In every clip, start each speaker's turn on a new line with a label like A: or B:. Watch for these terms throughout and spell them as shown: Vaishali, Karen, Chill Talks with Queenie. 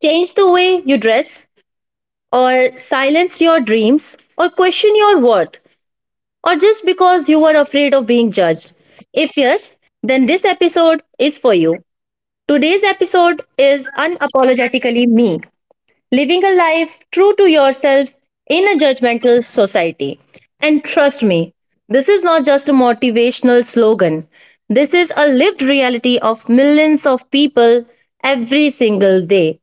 A: changed the way you dress, or silenced your dreams, or questioned your worth, or just because you were afraid of being judged? If yes, then this episode is for you. Today's episode is unapologetically me, living a life true to yourself in a judgmental society. And trust me, this is not just a motivational slogan. This is a lived reality of millions of people every single day.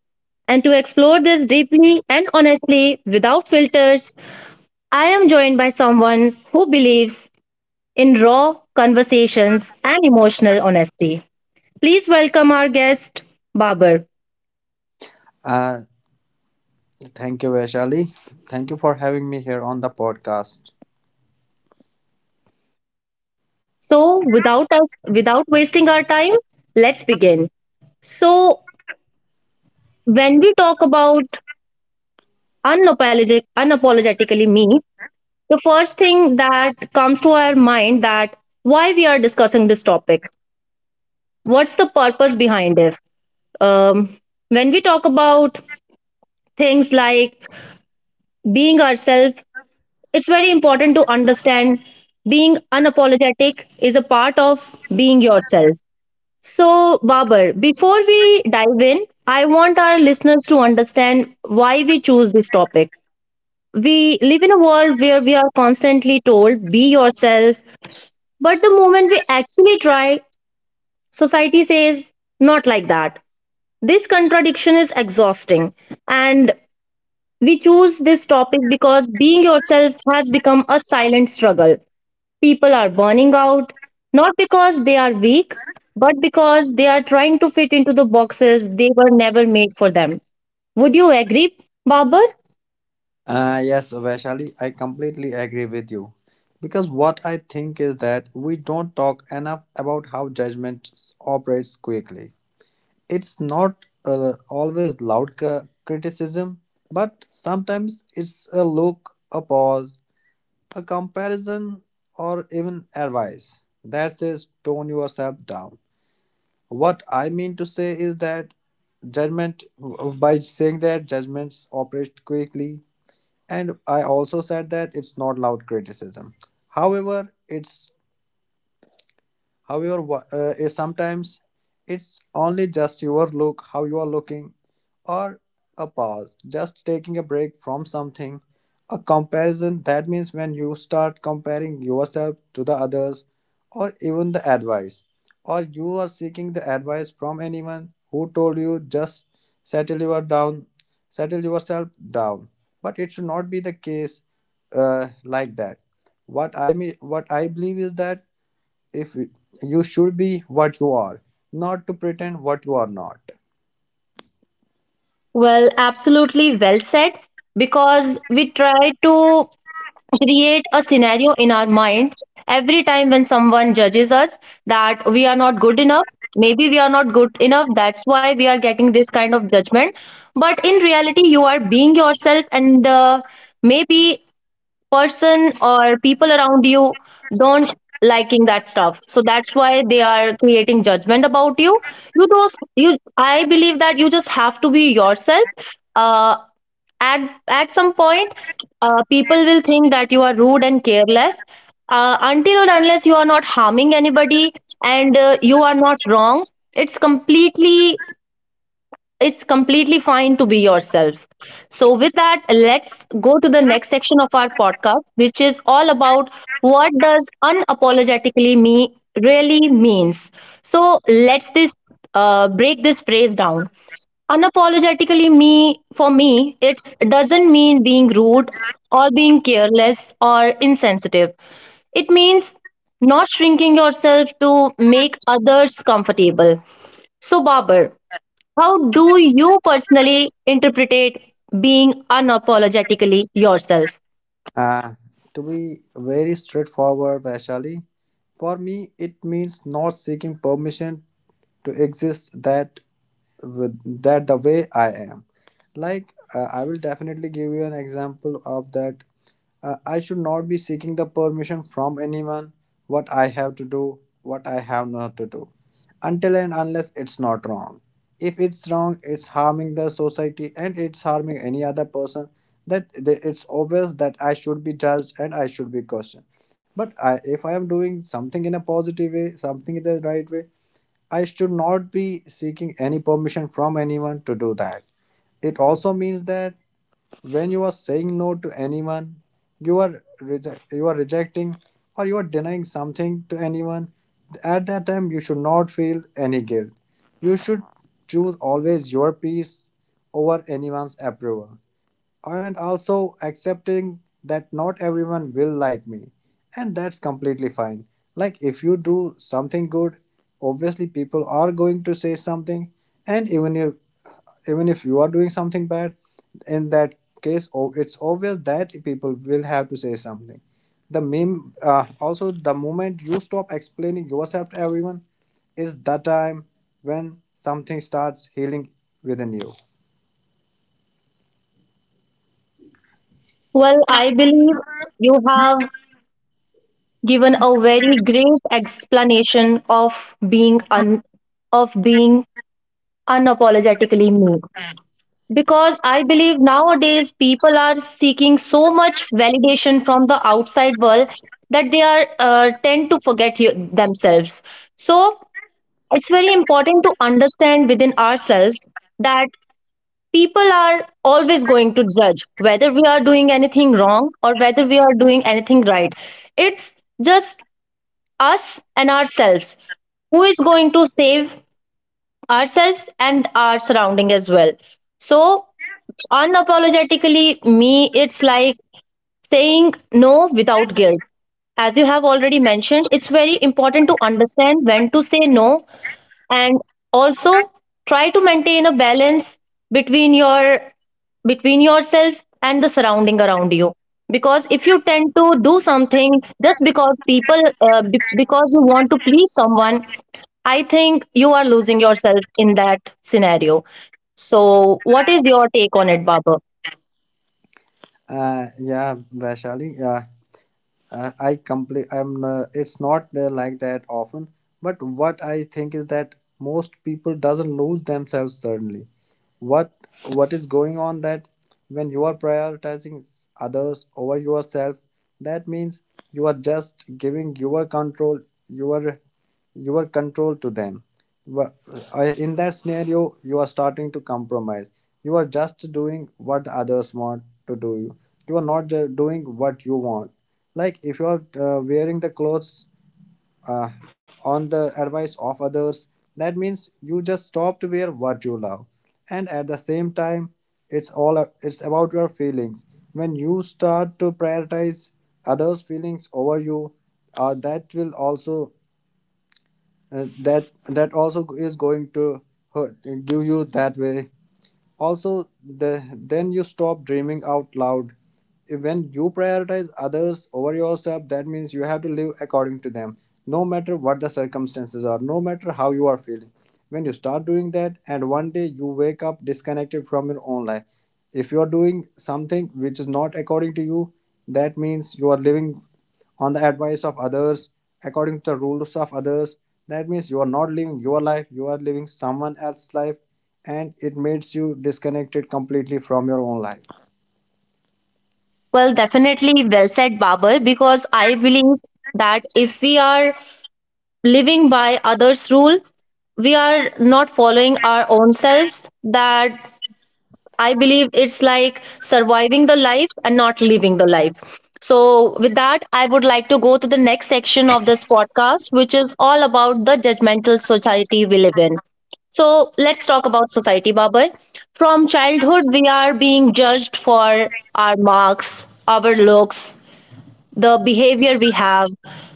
A: And to explore this deeply and honestly without filters, I am joined by someone who believes in raw conversations and emotional honesty. Please welcome our guest, Babar.
B: Uh, Thank you, Vaishali. Thank you for having me here on the podcast.
A: So, without wasting our time, let's begin. So, when we talk about unapologetically me, the first thing that comes to our mind that why we are discussing this topic. What's the purpose behind it? Um, when we talk about things like being ourselves. It's very important to understand being unapologetic is a part of being yourself. So, Babar, before we dive in, I want our listeners to understand why we choose this topic. We live in a world where we are constantly told, be yourself, but the moment we actually try, society says, not like that. This contradiction is exhausting. And we choose this topic because being yourself has become a silent struggle. People are burning out, not because they are weak, but because they are trying to fit into the boxes they were never made for them. Would you agree, Babar?
B: Yes, Vaishali, I completely agree with you. Because what I think is that we don't talk enough about how judgment operates quickly. It's not always loud criticism, but sometimes it's a look, a pause, a comparison, or even advice that says tone yourself down. What I mean to say is that judgment, by saying that judgments operate quickly, and I also said that it's not loud criticism. However, it's However, is sometimes it's only just your look, how you are looking, or a pause, just taking a break from something. A comparison that means when you start comparing yourself to the others, or even the advice, or you are seeking the advice from anyone who told you just settle your down, settle yourself down. But it should not be the case like that. What I mean, what I believe is that if you should be what you are, not to pretend what you are not.
A: Well, absolutely well said. Because we try to create a scenario in our mind every time when someone judges us that we are not good enough. Maybe we are not good enough. That's why we are getting this kind of judgment. But in reality, you are being yourself, and maybe person or people around you don't liking that stuff, so that's why they are creating judgment about you. I believe that you just have to be yourself, at some point. People will think that you are rude and careless, until and unless you are not harming anybody, and you are not wrong. It's completely it's completely fine to be yourself. So, with that, let's go to the next section of our podcast, which is all about what does unapologetically me really means. So, let's this break this phrase down. Unapologetically me for me, it doesn't mean being rude or being careless or insensitive. It means not shrinking yourself to make others comfortable. So, Babar, how do you personally interpret being unapologetically yourself?
B: uh, to be very straightforward, Vaishali, for me it means not seeking permission to exist, that with that, the way I am. Like, I will definitely give you an example of that. I should not be seeking the permission from anyone what I have to do, what I have not to do, until and unless it's not wrong. If it's wrong, it's harming the society and it's harming any other person. That it's obvious that I should be judged and I should be questioned. If I am doing something in a positive way, something in the right way, I should not be seeking any permission from anyone to do that. It also means that when you are saying no to anyone, you are you are rejecting or you are denying something to anyone. At that time, you should not feel any guilt. You should choose always your peace over anyone's approval, and also accepting that not everyone will like me and that's completely fine. Like, if you do something good, obviously people are going to say something. And even if you are doing something bad, in that case it's obvious that people will have to say something. The meme, also, the moment you stop explaining yourself to everyone is the time when something starts healing within you.
A: Well, I believe you have given a very great explanation of being unapologetically me, because I believe nowadays people are seeking so much validation from the outside world that they are, tend to forget themselves. So it's very important to understand within ourselves that people are always going to judge whether we are doing anything wrong or whether we are doing anything right. It's just us and ourselves who is going to save ourselves and our surrounding as well. So, unapologetically me, it's like saying no without guilt. As you have already mentioned, it's very important to understand when to say no, and also try to maintain a balance between your between yourself and the surrounding around you, because if you tend to do something just because because you want to please someone, I think you are losing yourself in that scenario. So, what is your take on it, Babar?
B: Yeah, Vaishali. I complete. I'm. It's not like that often. But what I think is that most people doesn't lose themselves suddenly. What What is going on that when you are prioritizing others over yourself, that means you are just giving your control, your your control to them. Well, in that scenario, you are starting to compromise. You are just doing what the others want to do. You are not doing what you want. Like, if you are wearing the clothes uh, on the advice of others, that means you just stop to wear what you love. And at the same time, it's about your feelings. When you start to prioritize others' feelings over you, that will also, that also is going to hurt, give you that way. Also, then you stop dreaming out loud. When you prioritize others over yourself, that means you have to live according to them, no matter what the circumstances are, no matter how you are feeling. When you start doing that, and one day you wake up disconnected from your own life. If you are doing something which is not according to you, that means you are living on the advice of others, according to the rules of others. That means you are not living your life, you are living someone else's life, and it makes you disconnected completely from your own life.
A: Well, definitely well said, Babar, because I believe that if we are living by others rule, we are not following our own selves. That I believe it's like surviving the life and not living the life. So with that, I would like to go to the next section of this podcast, which is all about the judgmental society we live in. So let's talk about society, Babar. From childhood, we are being judged for our marks, our looks, the behavior we have,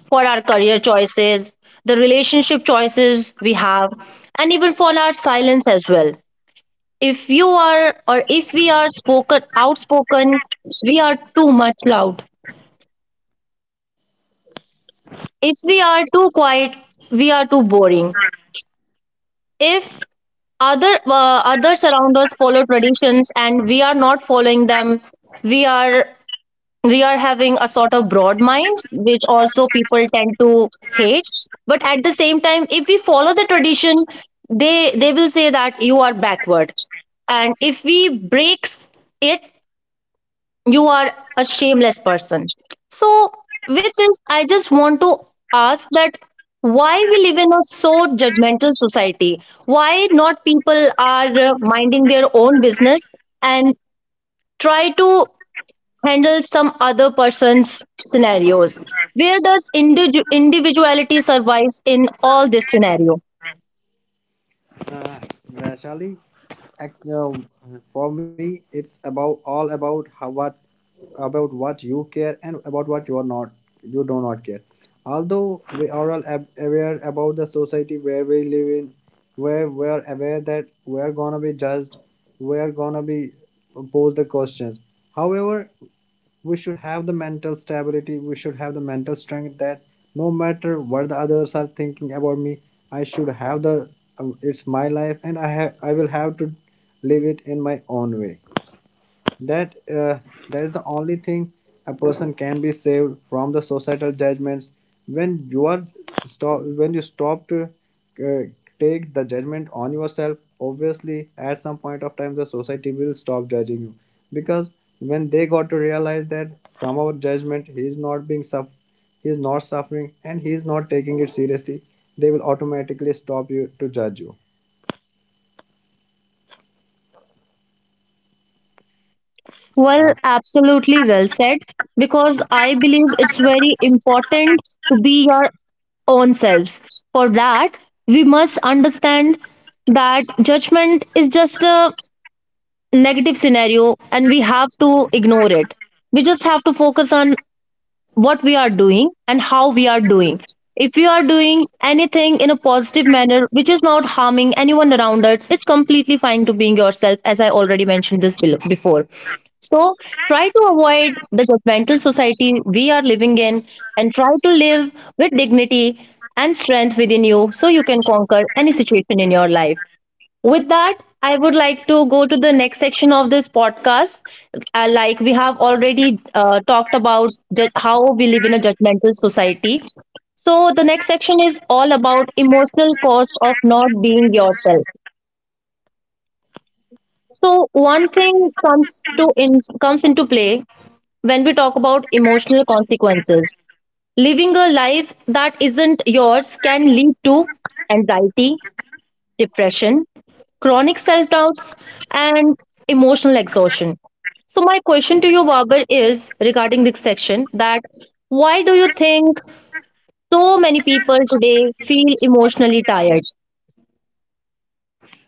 A: for our career choices, the relationship choices we have, and even for our silence as well. If you are or if we are spoken outspoken, we are too much loud. If we are too quiet, we are too boring. If others around us follow traditions and we are not following them, we are we are having a sort of broad mind, which also people tend to hate. But at the same time, if we follow the tradition, they will say that you are backward, and if we breaks it, you are a shameless person. So with this, I just want to ask that why we live in a so judgmental society, why not people are minding their own business and try to handle some other person's scenarios. Where does individuality survives in all this scenario?
B: Uh, Vaishali, ac- uh, for me, it's about all about how what about what you care and about what you are not you do not care. Although we are all aware about the society where we live in, where we are aware that we are gonna be judged, we are gonna be posed the questions. However, we should have the mental stability, we should have the mental strength, that no matter what the others are thinking about me, I should have the, it's my life and I will have to live it in my own way. That uh, that is the only thing a person can be saved from the societal judgments. when you are when you stop to uh, take the judgment on yourself, obviously at some point of time the society will stop judging you, because when they got to realize that from our judgment he is not suffering and he is not taking it seriously, they will automatically stop you to judge you.
A: Well,
B: uh,
A: absolutely well said, because I believe it's very important to be your own selves. For that, we must understand that judgment is just a negative scenario and we have to ignore it. We just have to focus on what we are doing and how we are doing. If we are doing anything in a positive manner, which is not harming anyone around us, it's completely fine to being yourself, as I already mentioned this below, before. So try to avoid the judgmental society we are living in, and try to live with dignity and strength within you, so you can conquer any situation in your life. With that, I would like to go to the next section of this podcast. Like we have already talked about how we live in a judgmental society. So, the next section is all about emotional cost of not being yourself. So, one thing comes to in comes into play when we talk about emotional consequences. Living a life that isn't yours can lead to anxiety, depression, chronic self doubts, and emotional exhaustion. So, my question to you, Babar, is regarding this section, that why do you think so many people today feel emotionally tired?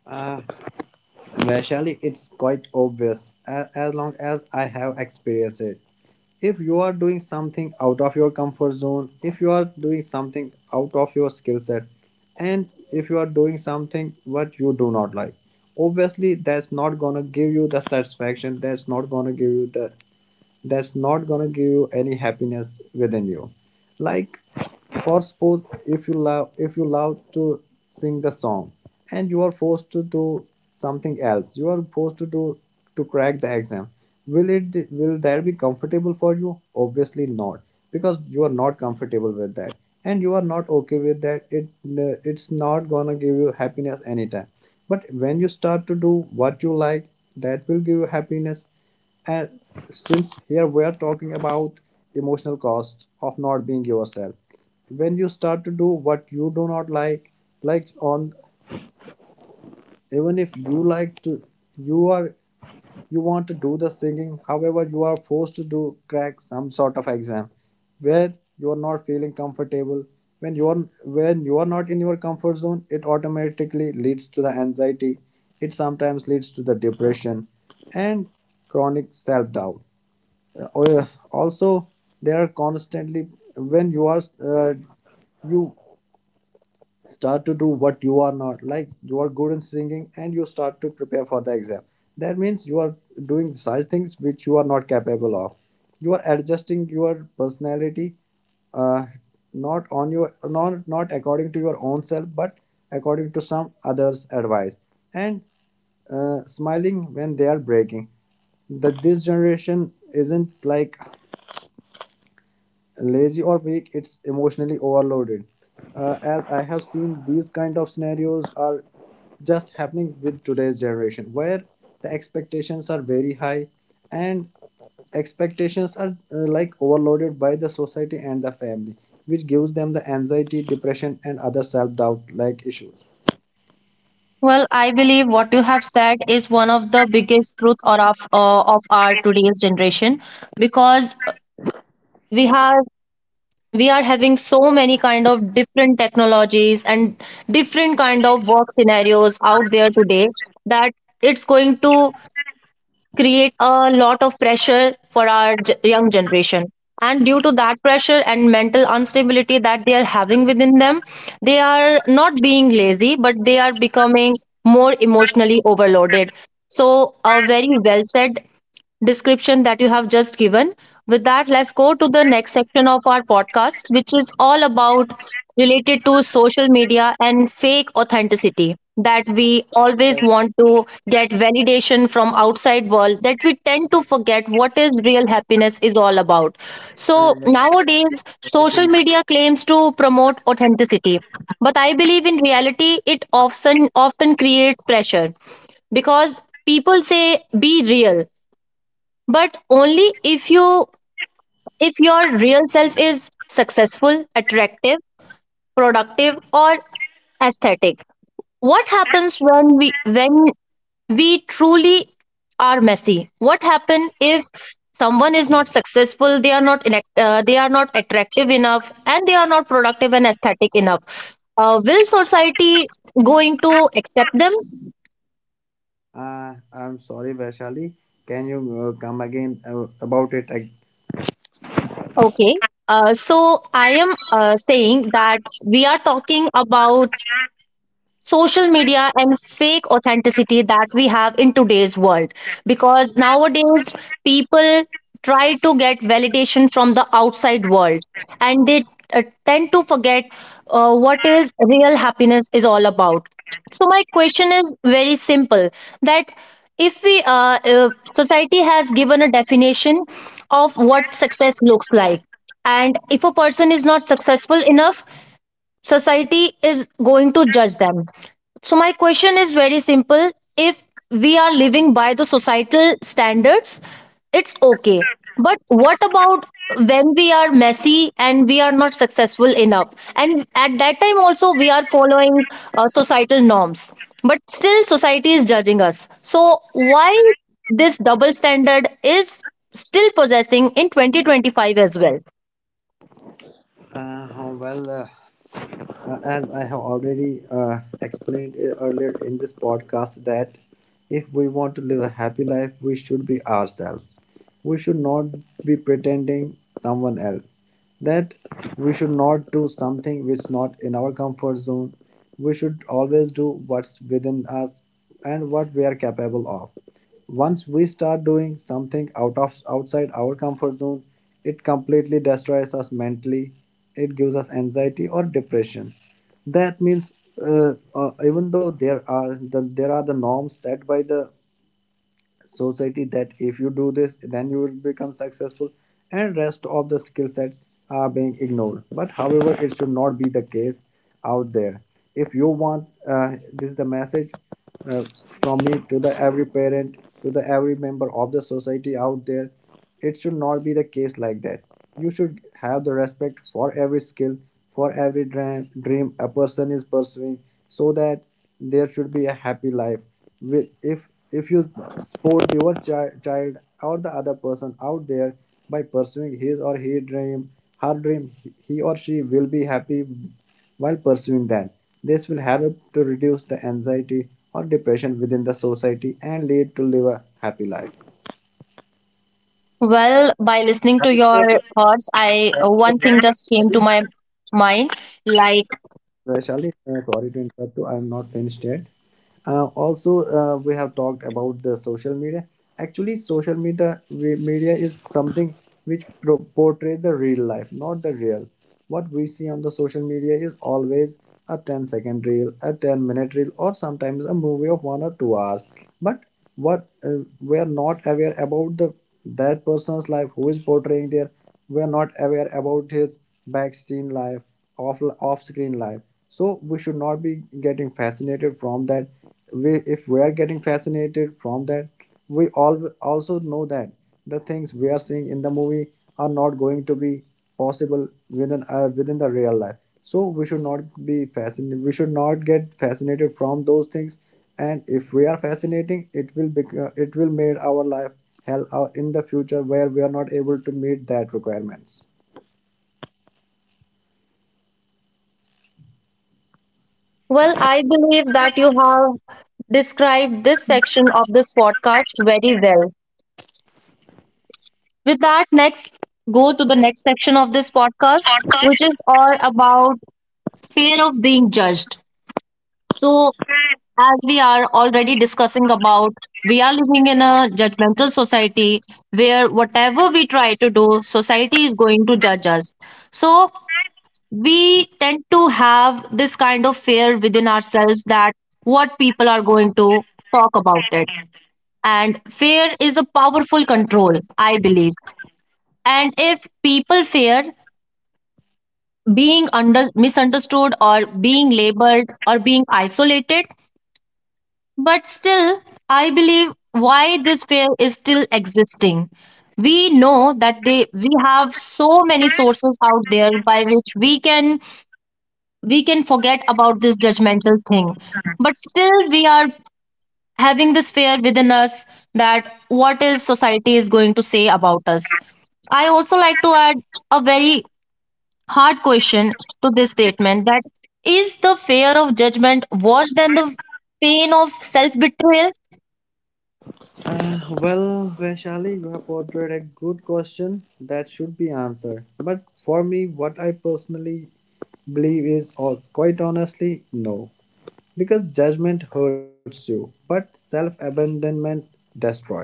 B: uh, Well, it's quite obvious, as long as I have experienced it. If you are doing something out of your comfort zone, if you are doing something out of your skill set, and if you are doing something what you do not like, obviously that's not gonna give you the satisfaction, that's not gonna give you the, that's not gonna give you any happiness within you. Like, for suppose, if you love to sing the song, and you are forced to do something else, you are forced to do, to crack the exam. Will that be comfortable for you? Obviously not. Because you are not comfortable with that and you are not okay with that. It's not gonna give you happiness anytime. But when you start to do what you like, that will give you happiness. And since here we're talking about emotional cost of not being yourself, when you start to do what you do not like, like on, even if you like to, you are you want to do the singing, however, you are forced to do, crack some sort of exam where you are not feeling comfortable. When you are when you are not in your comfort zone, it automatically leads to the anxiety. It sometimes leads to the depression and chronic self doubt. Oh, yeah. Also, they are constantly, when you are you start to do what you are not. Like, you are good in singing and you start to prepare for the exam. That means you are doing such things which you are not capable of, you are adjusting your personality, uh, not according to your own self, but according to some others advice. And, smiling when they are breaking. That, this generation isn't like lazy or weak, it's emotionally overloaded. As I have seen, these kind of scenarios are just happening with today's generation where the expectations are very high, and expectations are, like, overloaded by the society and the family, which gives them the anxiety, depression, and other self-doubt like issues.
A: Well, I believe what you have said is one of the biggest truth or of our today's generation, because we have we are having so many kind of different technologies and different kind of work scenarios out there today, that it's going to create a lot of pressure for our young generation, and due to that pressure and mental instability that they are having within them, they are not being lazy, but they are becoming more emotionally overloaded. So a very well said description that you have just given. With that, let's go to the next section of our podcast, which is all about related to social media and fake authenticity, that we always
B: Yes,
A: want to get validation from outside world, that we tend to forget what is real happiness is all about. So
B: Uh,
A: nowadays social
B: Vaishali.
A: media claims to promote authenticity, but I believe in reality it often creates pressure, because people say be real, but only if your real self is successful, attractive, productive or aesthetic. What happens when we truly are messy? What happen if someone is not successful, they are not attractive enough, and they are not productive and aesthetic enough, will society going to accept them?
B: uh, I'm sorry, Vaishali. Can you come again about it?
A: Okay, so I am saying that we are talking about social media and fake authenticity that we have in today's world, because nowadays people try to get validation from the outside world, and they tend to forget what is real happiness is all about. So my question is very simple, that if we society has given a definition of what success looks like, and if a person is not successful enough, society is going to judge them. So, my question is very simple. If we are living by the societal standards, it's okay. But what about when we are messy and we are not successful enough? And at that time, also, we are following societal norms. But still, society is judging us. So, why this double standard is still possessing in 2025 as well?
B: Oh, well, as I have already explained it earlier in this podcast, that if we want to live a happy life, we should be ourselves. We should not be pretending someone else. That we should not do something which is not in our comfort zone. We should always do what's within us and what we are capable of. Once we start doing something outside our comfort zone, it completely destroys us mentally. It gives us anxiety or depression. That means, even though there are the norms set by the society that if you do this then you will become successful, and rest of the skill sets are being ignored, but however it should not be the case out there. If you want This is the message, uh, from me to the every parent, to the every member of the society out there. It should not be the case like that. You should have the respect for every skill, for every dream a person is pursuing, so that there should be a happy life. Will If you support your child or the other person out there by pursuing his or her dream, he or she will be happy while pursuing that. This will help to reduce the anxiety or depression within the society and lead to live a happy life.
A: Well, by listening to
B: Thank
A: your
B: you
A: thoughts, I
B: so
A: one thing just came to
B: much,
A: my mind. Like,
B: Vaishali. Sorry to interrupt you. I am not finished yet. Also, we have talked about the social media. Actually, social media, media is something which portrays the real life, not the real. What we see on the social media is always a ten-second reel, a 10-minute reel, or sometimes a movie of one or two hours. But what we are not aware about the that person's life who is portraying there. We are not aware about his backscreen life, off off screen life. So we should not be getting fascinated from that we If we are getting fascinated from that, we all also know that the things we are seeing in the movie are not going to be possible within the real life. So we should not be fascinated we should not get fascinated from those things. And if we are fascinating, it will be it will make our life hell out in the future, where we are not able to meet that requirements.
A: well, I believe that you have described this section of this podcast very well. With that, next go to the next section of this podcast, which is all about fear of being judged. So, as we are already discussing about, we are living in a judgmental society where whatever we try to do, society is going to judge us. So, we tend to have this kind of fear within ourselves that what people are going to talk about it. And fear is a powerful control, I believe. And if people fear being under misunderstood or being labeled or being isolated, but still, I believe why this fear is still existing. We know that they we have so many sources out there by which we can forget about this judgmental thing, but still we are having this fear within us, that what is society is going to say about us. I also like to add a very hard question to this statement, that is the fear of judgment worse than the pain of self betrayal?
B: Well, Vaishali, you have portrayed a good question that should be answered. But for me, what I personally believe is, or quite honestly, no. Because judgment hurts you, but self abandonment destroys.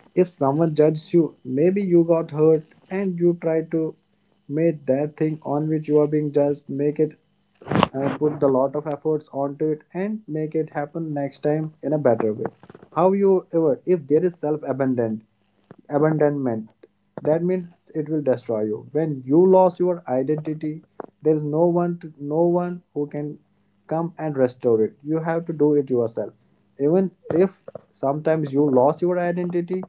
B: If someone judges you, maybe you got hurt and you try to make that thing on which you are being judged make it, put a lot of efforts onto it, and make it happen next time in a better way. However, if there is self abandoned abandonment, that means it will destroy you. When you lose your identity, there is no one who can come and restore it. You have to do it yourself. Even if sometimes you lose your identity,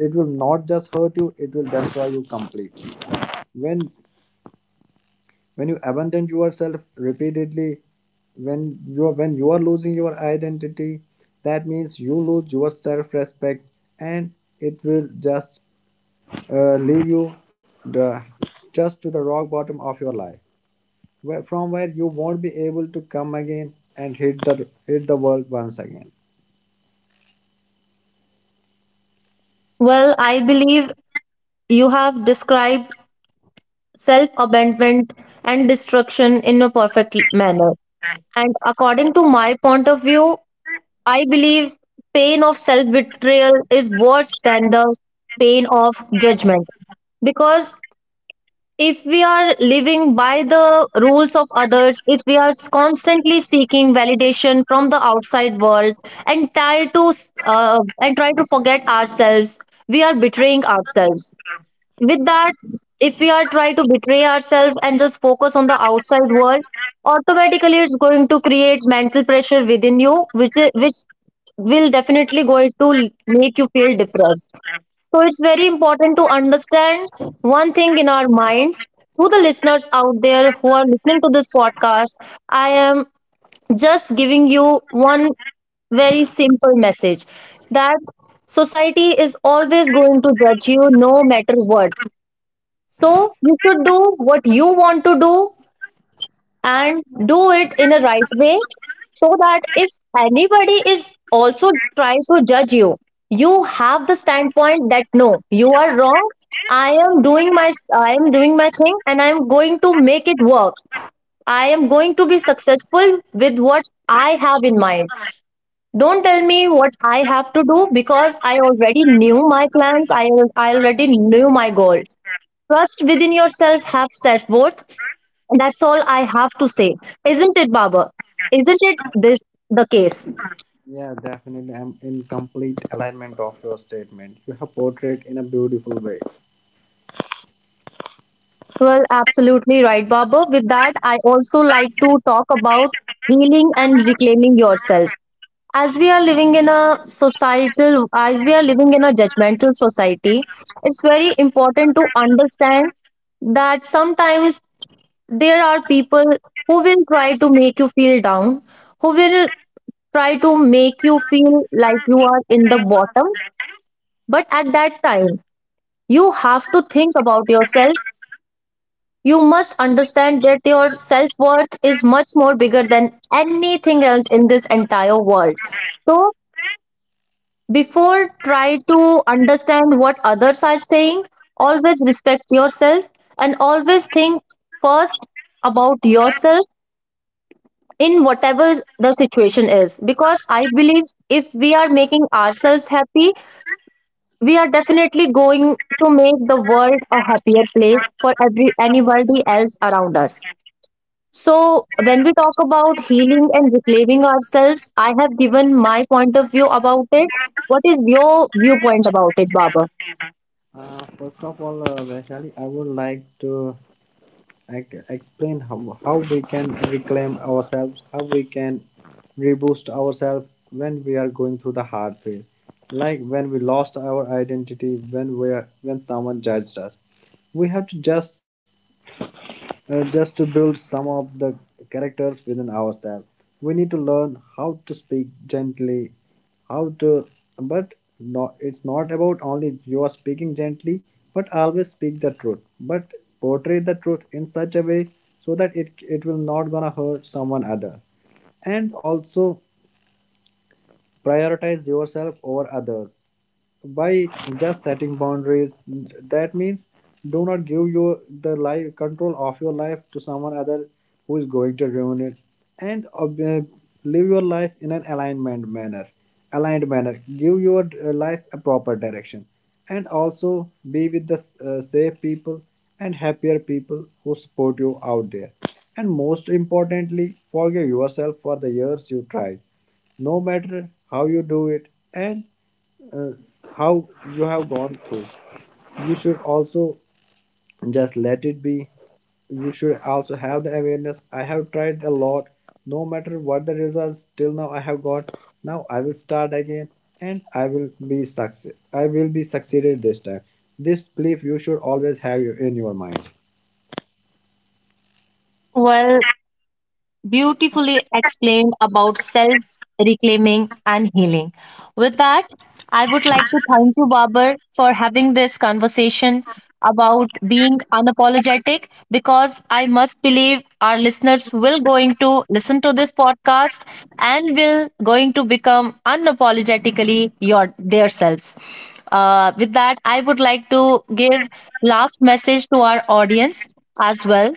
B: it will not just hurt you, it will destroy you completely. When you abandon yourself repeatedly, when you are losing your identity, that means you lose your self respect. And it will just leave you, the just to the rock bottom of your life, from where you won't be able to come again and hit the world once again.
A: Well, I believe you have described self abandonment and destruction in a perfect manner, and according to my point of view, I believe pain of self betrayal is worse than the pain of judgment, because if we are living by the rules of others, if we are constantly seeking validation from the outside world and try to and try to forget ourselves, we are betraying ourselves. With that, if we are trying to betray ourselves and just focus on the outside world, automatically it's going to create mental pressure within you, which is, which will definitely going to make you feel depressed. So it's very important to understand one thing in our minds. To the listeners out there who are listening to this podcast, I am just giving you one very simple message, that society is always going to judge you no matter what. So you should do what you want to do and do it in a right way, so that if anybody is also trying to judge you, you have the standpoint that no, you are wrong. I am doing my thing and I am going to make it work. I am going to be successful with what I have in mind. Don't tell me what I have to do because I already knew my plans. I already knew my goal. Trust within yourself, have self worth. That's all I have to say. Isn't it, Baba? Isn't it this the case?
B: Yeah, definitely, I'm in complete alignment of your statement. You have portrayed in a beautiful way.
A: Well, absolutely right, Baba. With that, I also like to talk about healing and reclaiming yourself. As we are living in a judgmental society, it's very important to understand that sometimes there are people who will try to make you feel down, who will try to make you feel like you are in the bottom. But at that time, you have to think about yourself. You must understand that your self worth is much more bigger than anything else in this entire world. So, before try to understand what others are saying, always respect yourself and always think first about yourself in whatever the situation is. Because I believe if we are making ourselves happy, we are definitely going to make the world a happier place for every anybody else around us. So when we talk about healing and reclaiming ourselves, I have given my point of view about it. What is your viewpoint about it, Baba?
B: First of all, Vaishali, I would like to explain how we can reclaim ourselves, how we can reboost ourselves when we are going through the hard phase. Like when we lost our identity, when someone judged us. We have to just to build some of the characters within ourselves. We need to learn how to speak gently, how to, but not, it's not about only you are speaking gently, but always speak the truth, but portray the truth in such a way so that it will not gonna hurt someone other. And also prioritize yourself over others by just setting boundaries. That means do not give your the life control of your life to someone other who is going to ruin it. And live your life in an alignment manner aligned manner. Give your life a proper direction. And also be with the safe people and happier people who support you out there. And most importantly, forgive yourself for the years you tried, no matter how you do it and uh, how you have gone through. You should also just let it be. You should also have the awareness. I have tried a lot. No matter what the results, till now I have got. Now I will start again, and I will be success. I will be succeeded this time. This belief you should always have you in your mind.
A: Well, beautifully explained about self reclaiming and healing. With that, I would like to thank you, Babar, for having this conversation about being unapologetic, because I must believe our listeners will going to listen to this podcast and will going to become unapologetically your their selves. With that, I would like to give last message to our audience as well.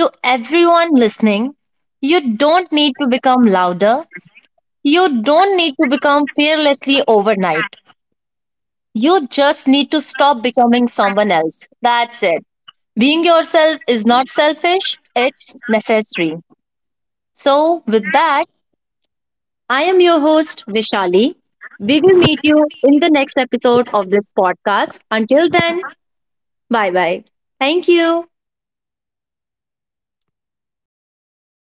A: To everyone listening, you don't need to become louder. You don't need to become fearlessly overnight. You just need to stop becoming someone else. That's it. Being yourself is not selfish, it's necessary. So, with that, I am your host, Vishali. We will meet you in the next episode of this podcast. Until then, bye bye. Thank you.